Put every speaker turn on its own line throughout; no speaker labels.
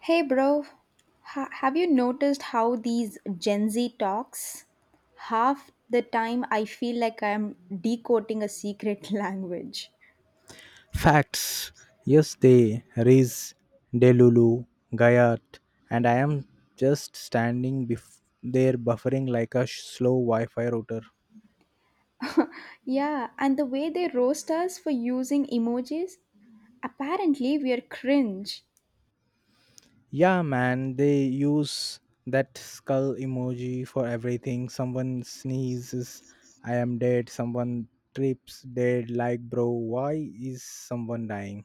Hey, bro, have you noticed how these Gen Z talks? Half the time I feel like I'm decoding a secret language.
Facts. Yes, they raise Delulu, Gayat, and I am just standing there buffering like a slow Wi Fi router.
Yeah, and the way they roast us for using emojis, apparently we are cringe.
Yeah, man, they use that skull emoji for everything. Someone sneezes, I am dead. Someone trips, dead. Like, bro, why is someone dying?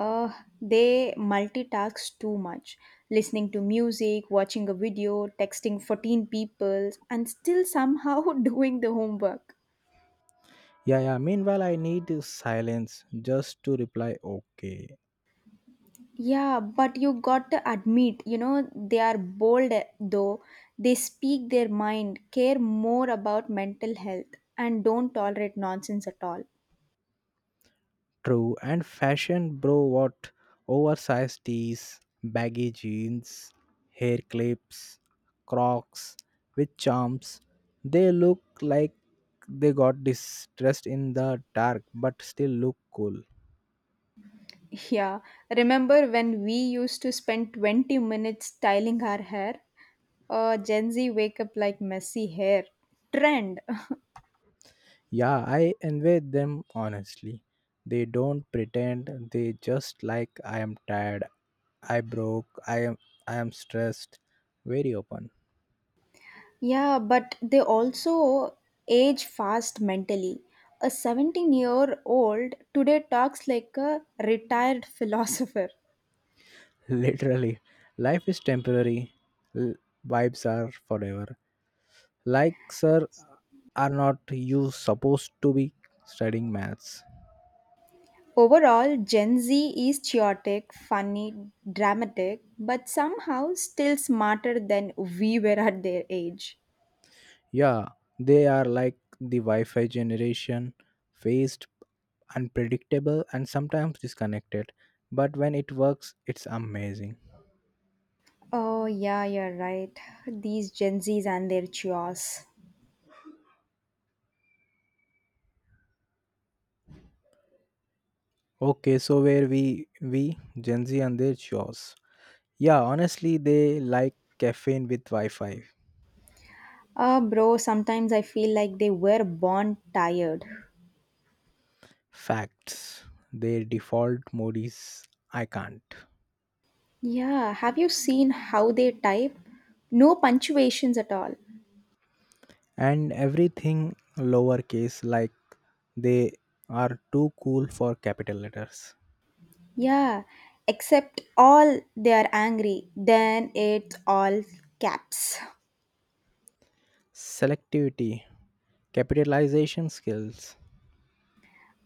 Uh, they multitask too much, listening to music, watching a video, texting 14 people, and still somehow doing the homework.
Yeah, yeah. Meanwhile, I need silence just to reply, okay.
Yeah, but you got to admit, they are bold though. They speak their mind, care more about mental health, and don't tolerate nonsense at all.
True, and fashion, bro, what? Oversized tees, baggy jeans, hair clips, crocs with charms. They look like they got distressed in the dark but still look cool.
Yeah, remember when we used to spend 20 minutes styling our hair? Gen Z wake up like messy hair. Trend.
Yeah, I envy them honestly. They don't pretend, they just like I am tired, I broke, I am stressed. Very open.
Yeah, but they also age fast mentally. A 17-year-old today talks like a retired philosopher.
Literally. Life is temporary. L- Vibes are forever. Like, sir, are not you supposed to be studying maths?
Overall, Gen Z is chaotic, funny, dramatic, but somehow still smarter than we were at their age.
Yeah, they are like the Wi Fi generation, phased, unpredictable, and sometimes disconnected. But when it works, it's amazing.
Oh, yeah, you're right. These Gen Zs and their chaos.
Okay, so where we Gen Z and their chores. Yeah, honestly, they like caffeine with Wi-Fi.
Ah, bro, sometimes I feel like they were born tired.
Facts. Their default mode is I can't.
Yeah, have you seen how they type? No punctuations at all.
And everything lowercase like they are too cool for capital letters.
Yeah, except all they are angry, then it's all caps.
Selectivity, capitalization skills.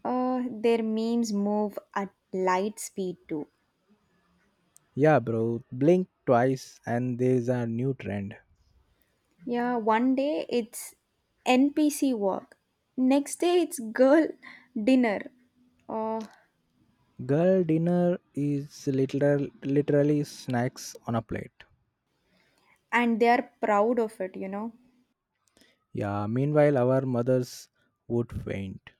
Their memes move at light speed too.
Yeah, bro, blink twice and there's a new trend.
Yeah, one day it's NPC walk, next day it's girl dinner. Uh,
Girl dinner is literally snacks on a plate.
and they are proud of it, you know.
Yeah, meanwhile, our mothers would faint.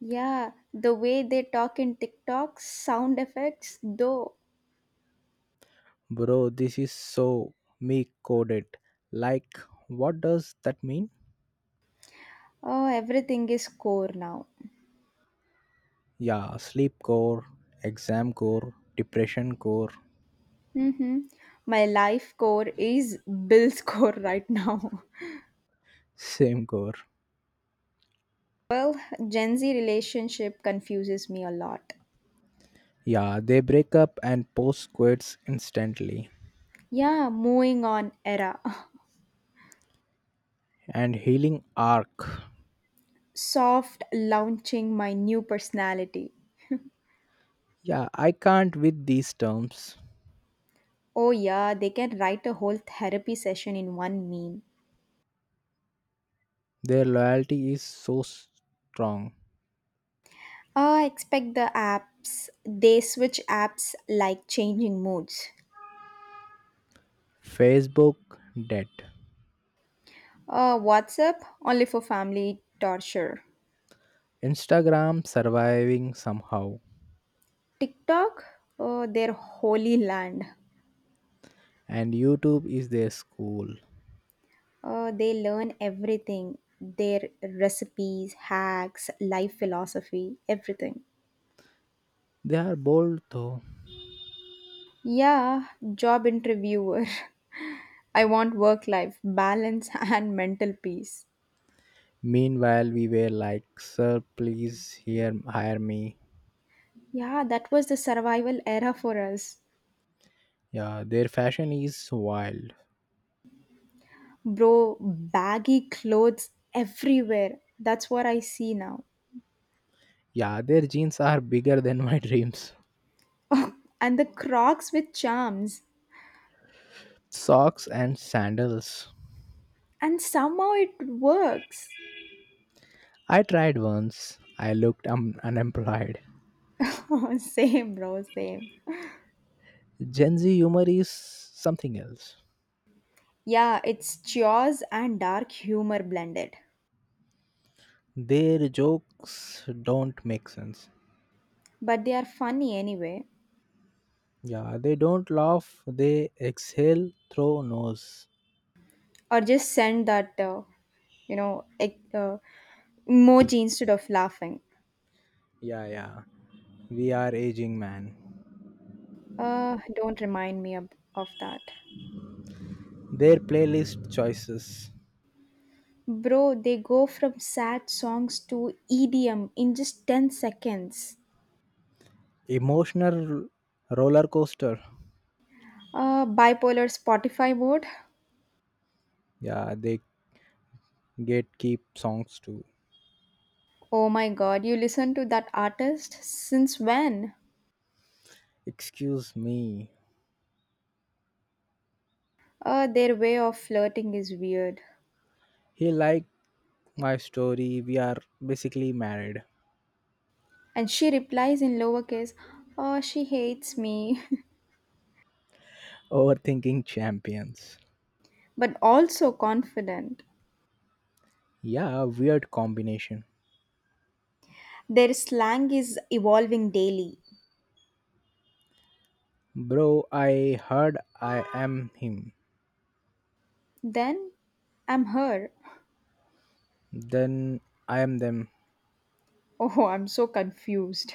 Yeah, the way they talk in TikTok, sound effects, though.
Bro, this is so me coded. Like, what does that mean?
Oh, everything is core now.
Yeah, sleep core, exam core, depression core,
Mm-hmm. My life core is Bill's core right now.
same core.
Well, Gen Z relationship confuses me a lot.
Yeah, they break up and post quits instantly.
Yeah, moving on era.
And healing arc.
Soft launching my new personality.
Yeah, I can't with these terms.
Oh, yeah, they can write a whole therapy session in one meme.
Their loyalty is so strong.
Oh, I expect the apps, they switch apps like changing moods.
Facebook dead.
WhatsApp, only for family torture.
Instagram surviving somehow.
TikTok, their holy land.
And YouTube is their school.
They learn everything their recipes, hacks, life philosophy, everything.
They are bold though.
Yeah, job interviewer. I want work life balance and mental peace.
Meanwhile, we were like, sir, please here hire me.
Yeah, that was the survival era for us.
Yeah, their fashion is wild.
Bro, baggy clothes everywhere. That's what I see now.
Yeah, their jeans are bigger than my dreams.
And the crocs with charms.
Socks and sandals.
And somehow it works.
I tried once. I looked unemployed.
Same, bro, same.
Gen Z humor is something else.
Yeah, it's chores and dark humor blended.
Their jokes don't make sense.
But they are funny anyway.
Yeah, they don't laugh, they exhale through nose.
Or just send that, you know, ec- uh, Emoji instead of laughing.
Yeah, yeah. We are aging, man.
Don't remind me of that.
Their playlist choices.
Bro, they go from sad songs to EDM in just 10 seconds.
Emotional roller coaster.
Bipolar Spotify mode.
Yeah, they Gatekeep songs too.
Oh my god, you listen to that artist? Since when?
Excuse me.
Their way of flirting is weird.
He liked my story. We are basically married.
And she replies in lowercase, oh, she hates me,
Overthinking champions.
but also confident.
Yeah, weird combination.
Their slang is evolving daily.
Bro, I heard I am him.
Then I'm her.
Then I am them.
Oh, I'm so confused.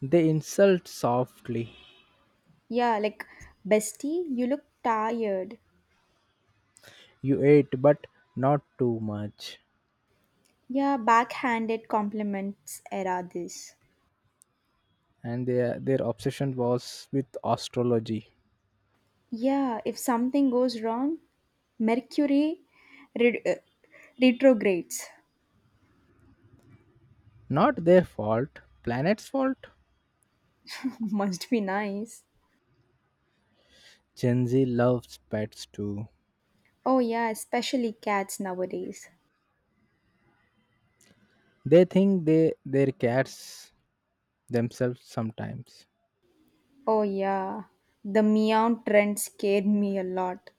They insult softly.
Yeah, like, bestie, you look tired.
You ate, but not too much.
Yeah, backhanded compliments era this.
And their obsession was with astrology.
Yeah, if something goes wrong, Mercury re- uh, retrogrades.
Not their fault, planet's fault.
Must be nice.
Gen Z loves pets too.
Oh, yeah, especially cats nowadays.
They think they their cats themselves sometimes.
Oh, yeah, the meow trend scared me a lot.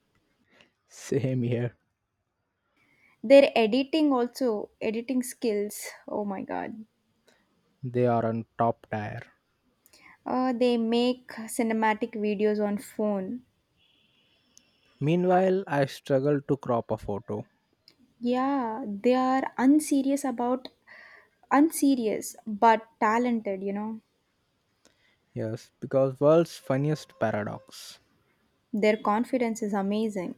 Same here.
Their editing also, editing skills. Oh my god.
They are on top tier.
They make cinematic videos on phone.
Meanwhile, I struggle to crop a photo.
Yeah, they are unserious but talented, you know.
Yes, because world's funniest paradox.
Their confidence is amazing.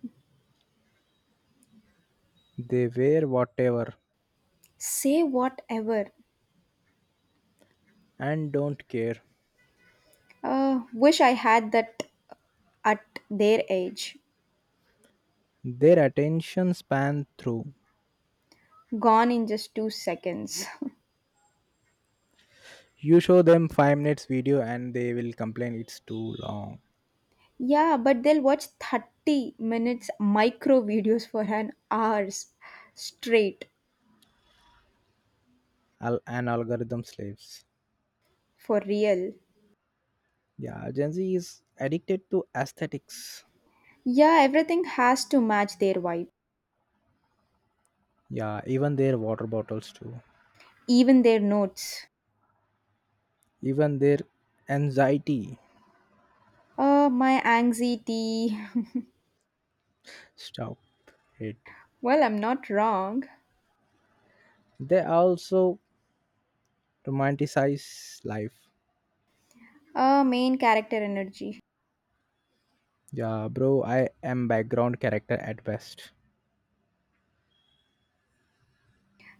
They wear whatever
Say whatever.
and don't care.
Wish I had that at their age.
Their attention span through.
Gone in just 2 seconds.
You show them 5 minutes video and they will complain it's too long.
Yeah, but they'll watch 30 minutes micro videos for an hours straight
An algorithm slaves.
for real.
Yeah, Gen Z is addicted to aesthetics.
Yeah, everything has to match their vibe.
Yeah, even their water bottles too.
Even their notes.
Even their anxiety.
My anxiety.
Stop it.
Well, I'm not wrong.
They also romanticize life.
Main character energy.
Yeah, bro, I am background character at best.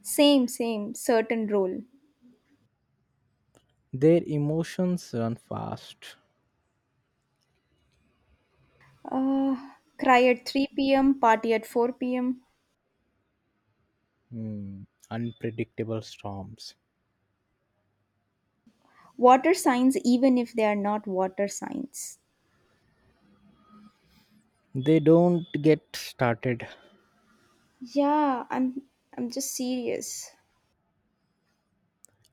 Same, same, certain role.
Their emotions run fast.
Uh, cry at 3 p.m., party at 4 pm.
Hmm, unpredictable storms.
Water signs, even if they are not water signs.
They don't get started.
Yeah, I'm just serious.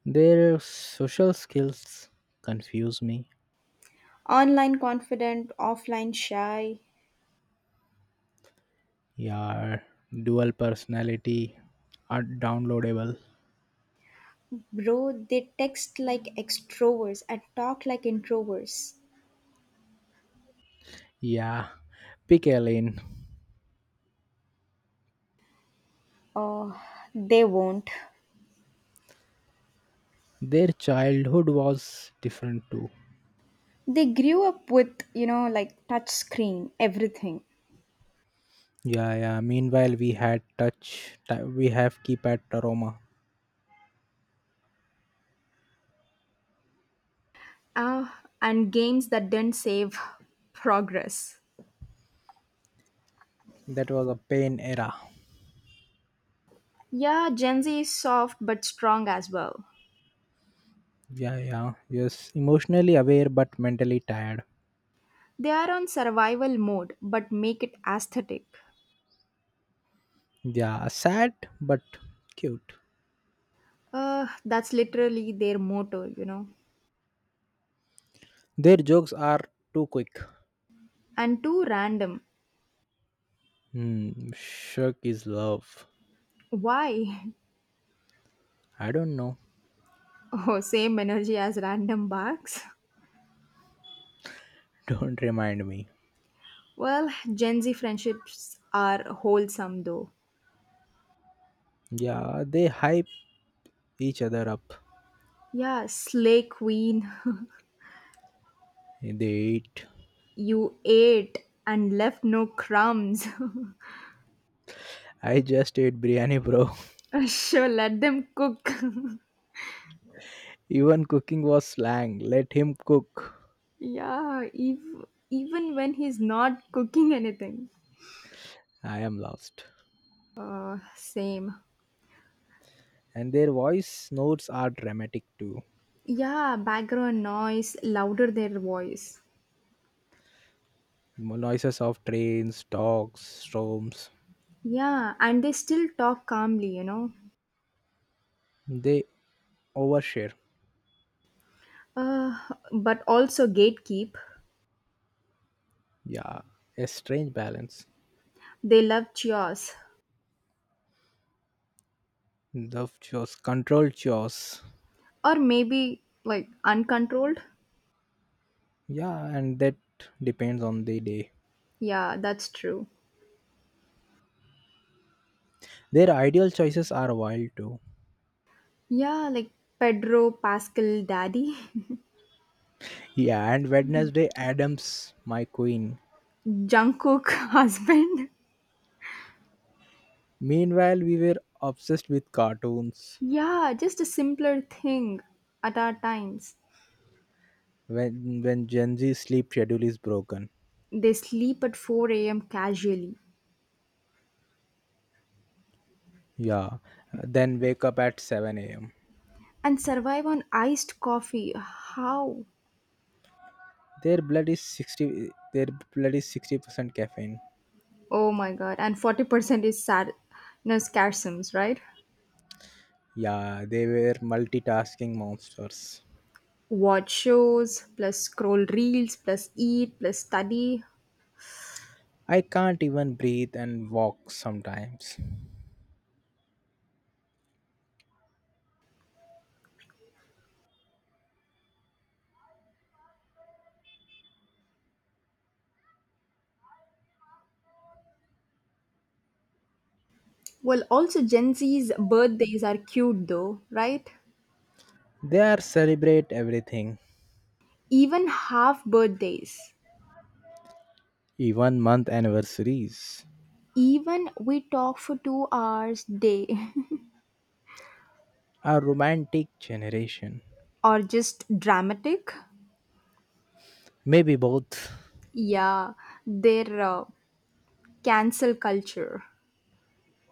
Their social skills confuse me.
Online confident, offline shy.
Yeah, dual personality are downloadable.
Bro, they text like extroverts and talk like introverts.
Yeah, pick a lane.
Oh, they won't.
Their childhood was different too.
They grew up with, you know, like touch screen, everything.
Yeah, yeah. Meanwhile, we had touch. We have keypad aroma.
Uh, and games that didn't save progress.
That was a pain era.
Yeah, Gen Z is soft but strong as well.
Yeah, yeah. Yes, emotionally aware but mentally tired.
They are on survival mode but make it aesthetic.
Yeah, sad but cute.
That's literally their motto, you know.
Their jokes are too quick.
And too random.
Hmm, shook is love.
Why?
I don't know.
Oh, same energy as random barks.
Don't remind me.
Well, Gen Z friendships are wholesome though.
Yeah, they hype each other up.
Yeah, Slay Queen.
They eat.
You ate and left no crumbs.
I just ate biryani, bro.
Sure, let them cook.
Even cooking was slang. Let him cook.
Yeah, even when he's not cooking anything.
I am lost.
Same.
And their voice notes are dramatic too.
Yeah, background noise, louder their voice.
Noises of trains, dogs, storms.
Yeah, and they still talk calmly, you know.
They overshare.
Uh, but also gatekeep.
Yeah, a strange balance.
They love chaos,
The chores, controlled chores.
or maybe like uncontrolled.
Yeah, and that depends on the day.
Yeah, that's true.
Their ideal choices are wild too.
Yeah, like Pedro Pascal Daddy.
Yeah, and Wednesday Adams, my queen.
Jungkook husband.
Meanwhile, we were obsessed with cartoons.
Yeah, just a simpler thing at our times.
When Gen Z sleep schedule is broken.
They sleep at 4 a.m. casually
Yeah, then wake up at 7 a.m.
and survive on iced coffee. How?
Their blood is 60% caffeine.
Oh my god. And 40% is sad no scarciums, right?
Yeah, they were multitasking monsters.
Watch shows, plus scroll reels, plus eat, plus study.
I can't even breathe and walk sometimes.
Well, also Gen Z's birthdays are cute though, right?
They are celebrate everything,
Even half birthdays.
even month anniversaries.
Even we talk for 2 hours day.
A romantic generation.
Or just dramatic.
Maybe both.
Yeah, their cancel culture.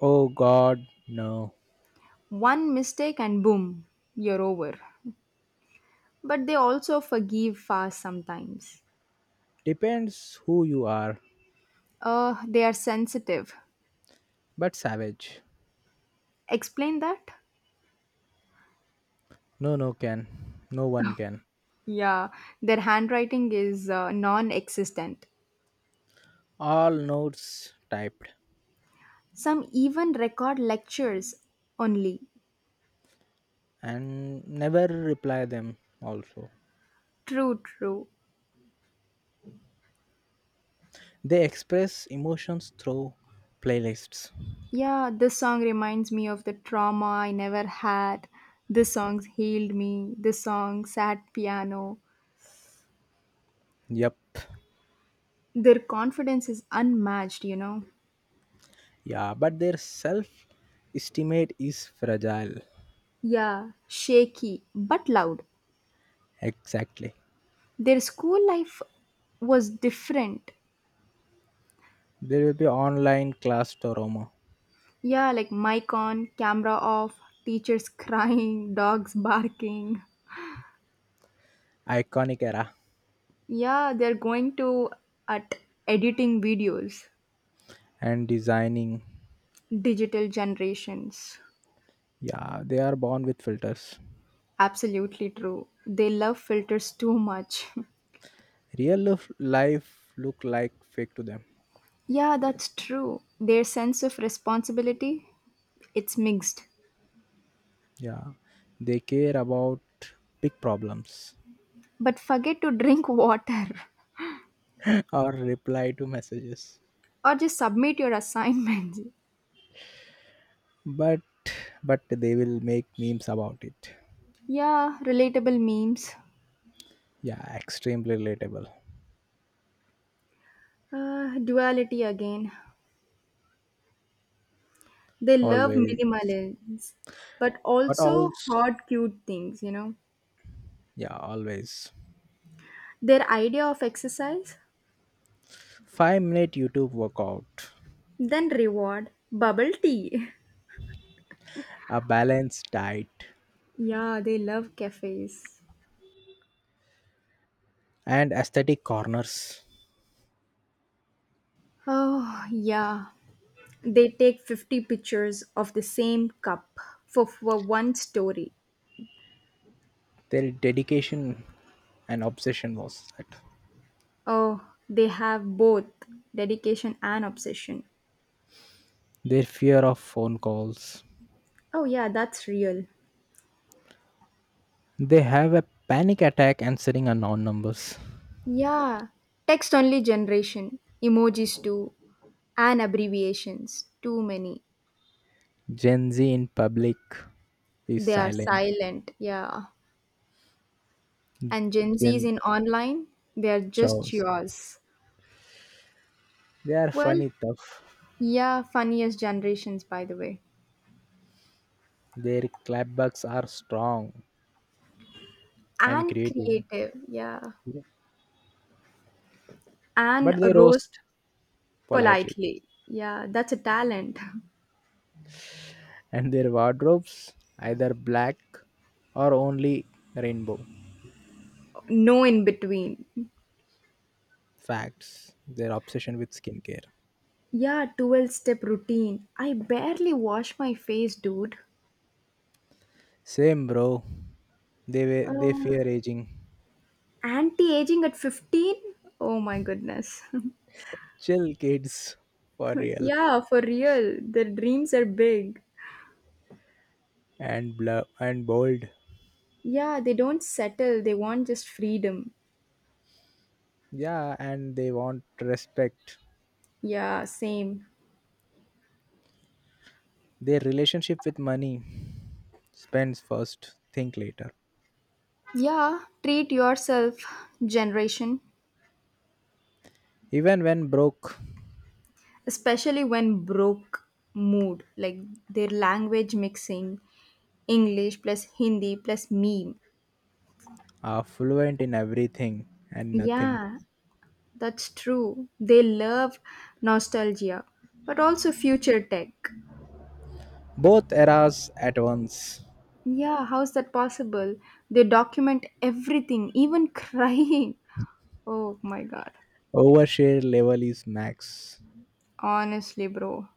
Oh god, no.
One mistake and boom, you're over. But they also forgive fast sometimes.
Depends who you are.
They are sensitive.
But savage.
Explain that?
No no can. No one can.
Yeah, their handwriting is non existent.
All notes typed
Some even record lectures only.
and never reply them also.
True, true.
They express emotions through playlists.
Yeah, this song reminds me of the trauma I never had. This song healed me. This song sat piano.
Yep.
Their confidence is unmatched, you know.
Yeah, but their self estimate is fragile.
Yeah, shaky but loud.
Exactly.
Their school life was different.
There will be online class trauma,
Yeah, like mic on, camera off, teachers crying, dogs barking.
iconic era,
Yeah, they're going to at editing videos,
and designing.
digital generations.
Yeah, they are born with filters.
Absolutely true. They love filters too much.
Real life look like fake to them.
Yeah, that's true. Their sense of responsibility, it's mixed.
Yeah, they care about big problems
But forget to drink water
or reply to messages,
or just submit your assignments.
but but they will make memes about it.
Yeah, relatable memes.
Yeah, extremely relatable.
Duality again. They love
Always
minimalism, but
but
also
also
hard, cute things, you know.
yeah always
Their idea of exercise,
5-minute youtube workout,
then reward, bubble tea.
a balanced diet
Yeah, they love cafes.
and aesthetic corners.
Oh, yeah. They take 50 pictures of the same cup for one story.
Their dedication and obsession was that
Oh, they have both dedication and obsession.
their fear of phone calls.
Oh, yeah, that's real.
They have a panic attack answering unknown numbers.
Yeah, text only generation, emojis too, and abbreviations. Too many.
Gen Z in public is
They are
silent.
silent, yeah. And Gen Z's
Gen
in online, they are just
chows
yours.
they are
Well,
funny tough.
yeah, funniest generations, by the way.
Their clapbacks are strong and
And
creative.
creative, yeah.
Yeah. But
And
they
rose
roast politely.
politely. Yeah, that's a talent.
And their wardrobes either black or only rainbow.
No in between.
Facts. Their obsession with skincare.
Yeah, 12 step routine. I barely wash my face, dude.
Same bro. They
Uh,
fear aging.
Anti aging at 15? Oh my goodness.
Chill kids for real.
Yeah, for real. Their dreams are big.
And and bold.
Yeah, they don't settle, they want just freedom.
Yeah, and they want respect.
Yeah, same.
Their relationship with money. Spends first, think later.
Yeah, treat yourself, generation.
Even when broke,
Especially when broke mood, like their language mixing, English plus Hindi plus meme.
are fluent in everything and nothing.
Yeah, that's true. They love nostalgia, but also future tech.
Both eras at once.
Yeah, how's that possible? They document everything, even crying. Oh my god.
Overshare level is max.
Honestly, bro.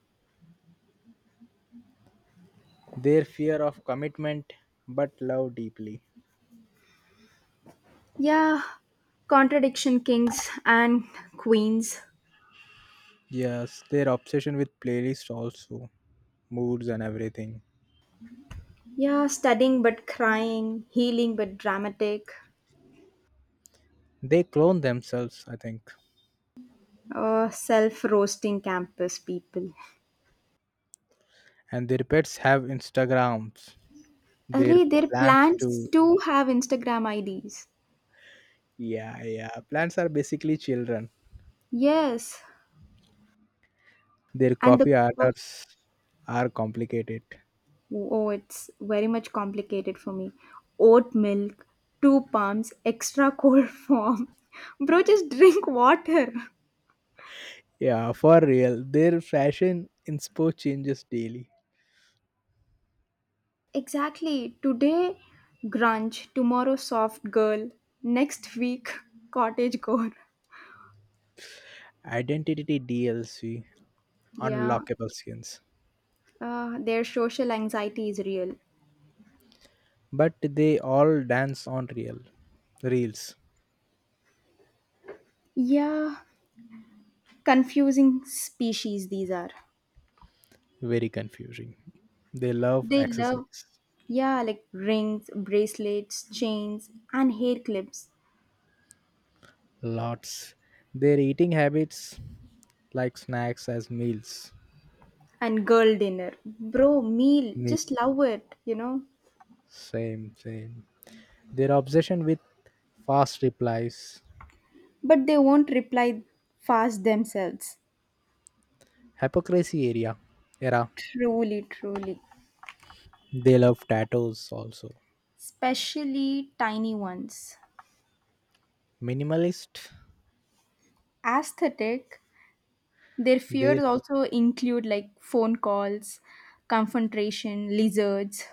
Their fear of commitment but love deeply.
Yeah, contradiction kings and queens.
Yes, their obsession with playlists also, moods and everything.
Yeah, studying but crying, healing but dramatic.
They clone themselves, I think.
Oh, self roasting campus people.
And their pets have Instagrams. Their
Array, their
plants
plans
too.
to have Instagram IDs.
Yeah, yeah. Plants are basically children.
Yes.
Their
And the
coffee
cof-
orders are complicated.
oh, it's very much complicated for me. Oat milk, two pumps, extra cold form. Bro, just drink water.
Yeah, for real. Their fashion inspo changes daily.
Exactly. Today, grunge. Tomorrow, soft girl. Next week, cottage core.
Identity DLC
Yeah.
unlockable skins.
Their social anxiety is real.
But they all dance on real reels.
Yeah. Confusing species these are.
Very confusing. They love
They love
exercise
yeah, like rings, bracelets, chains, and hair clips,
lots. Their eating habits like snacks as meals.
and girl dinner. Bro, meal,
Me
just love it, you know?
same same. Their obsession with fast replies.
But they won't reply fast themselves.
Hypocrisy area era.
Truly, truly.
They love tattoos also,
Especially tiny ones.
minimalist.
Aesthetic, their
They
fears also include like phone calls, confrontation, lizards.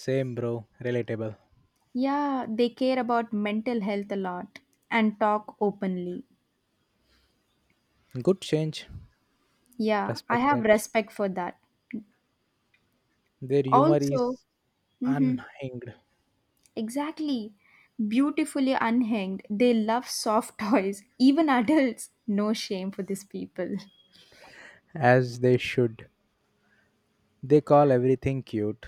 Same bro, relatable.
Yeah, they care about mental health a lot and talk openly.
Good change.
Yeah, I
Respect
have
that.
respect for that.
Their humor
Also,
is
mhm,
unhinged.
exactly, beautifully unhinged. They love soft toys, even adults. No shame for these people.
As they should. They call everything cute.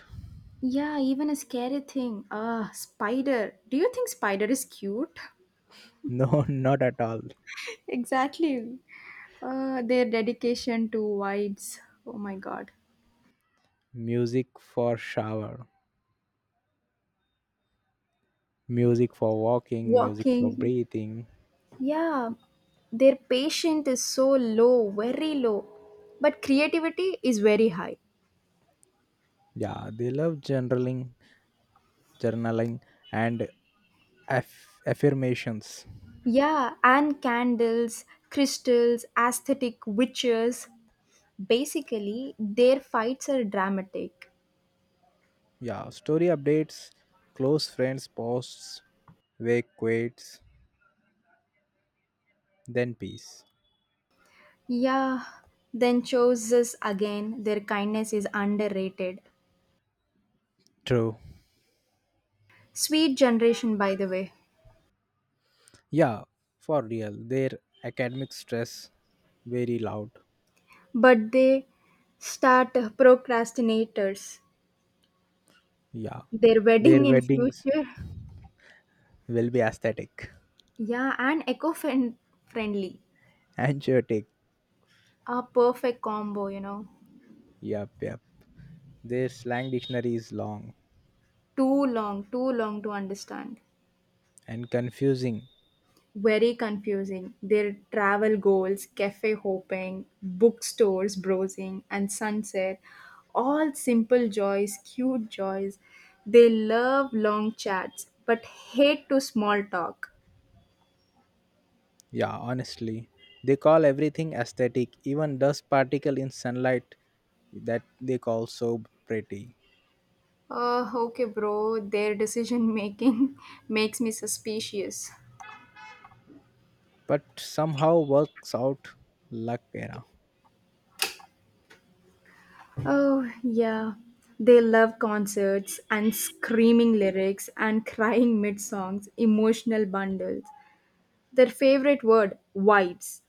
Yeah, even a scary thing. Ah, spider. Do you think spider is cute?
No, not at all.
Exactly. Their dedication to wides. Oh my god.
Music for shower, music for walking, music for
Walking.
breathing.
Yeah. Their patience is so low, very low. But creativity is very high.
Yeah, they love journaling and affirmations.
Yeah, and candles, crystals, aesthetic witches. Basically, their fights are dramatic.
Yeah, story updates, close friends posts, wake quits, then peace.
Yeah, then chooses again. Their kindness is underrated.
True.
Sweet generation, by the way.
Yeah, for real. Their academic stress very loud.
But they start procrastinators.
Yeah.
Their
Their
wedding in
weddings
future.
will be aesthetic.
Yeah, and eco friendly.
Anchotic.
A perfect combo, you know.
Yep, yep. Their slang dictionary is long
Too long to understand.
and confusing.
Very confusing. Their travel goals, cafe hopping, bookstores browsing, and sunset all simple joys, cute joys. They love long chats but hate to small talk.
Yeah, honestly. They call everything aesthetic, even dust particle in sunlight that they call so pretty.
Okay, bro, their decision making makes me suspicious.
But somehow works out luck era.
Oh, yeah. They love concerts and screaming lyrics and crying mid songs, emotional bundles. Their favorite word, vibes.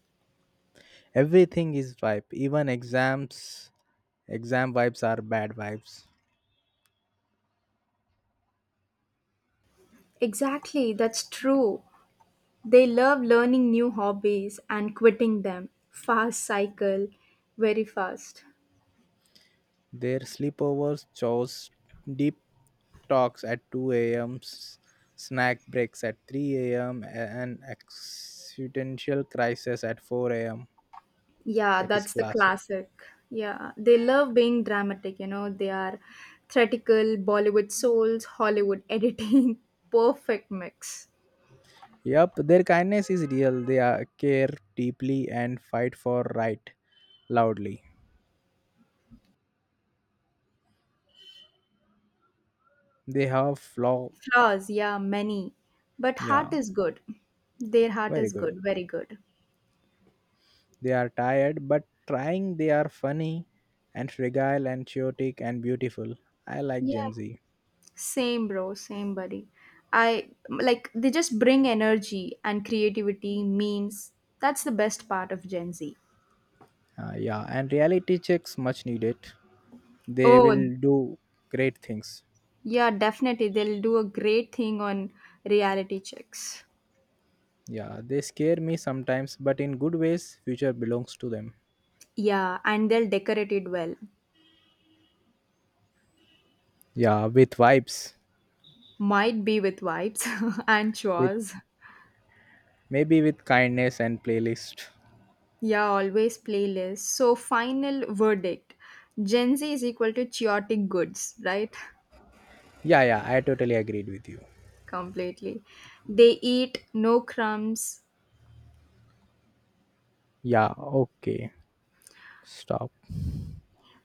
Everything is vibe, even exams. Exam vibes are bad vibes.
Exactly, that's true. They love learning new hobbies and quitting them. Fast cycle, very fast.
Their sleepovers, chores, deep talks at 2 a.m., snack breaks at 3 a.m., and existential crisis at 4 a.m.
Yeah,
That is
that's the
classic.
classic. Yeah, they love being dramatic, you know, they are theatrical, Bollywood souls, Hollywood editing, perfect mix.
Yep, their kindness is real. They are, care deeply and fight for right loudly. They have flaw.
Flaws, yeah, many. But heart
Yeah,
is good. Their heart
very
is
good.
good, very good.
They are tired but trying. They are funny and fragile and chaotic and beautiful. I like
Yeah.
Gen Z.
Same, bro. Same, buddy. I like they just bring energy and creativity, memes. That's the best part of Gen Z.
Yeah, and reality checks much needed. They
Oh,
will do great things.
yeah, definitely. They'll do a great thing on reality checks.
Yeah, they scare me sometimes, but in good ways, future belongs to them.
Yeah, and they'll decorate it well.
Yeah, with vibes,
Might be with vibes and
with
chores.
maybe with kindness and playlist.
Yeah, always playlist. So, final verdict Gen Z is equal to chaotic goods, right?
Yeah, yeah, I totally agreed with you.
Completely. They eat no crumbs,
Yeah, okay. Stop.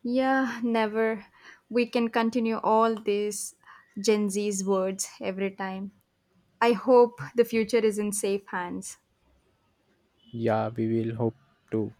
yeah, never. We can continue all these Gen Z's words every time. I hope the future is in safe hands.
Yeah, we will hope to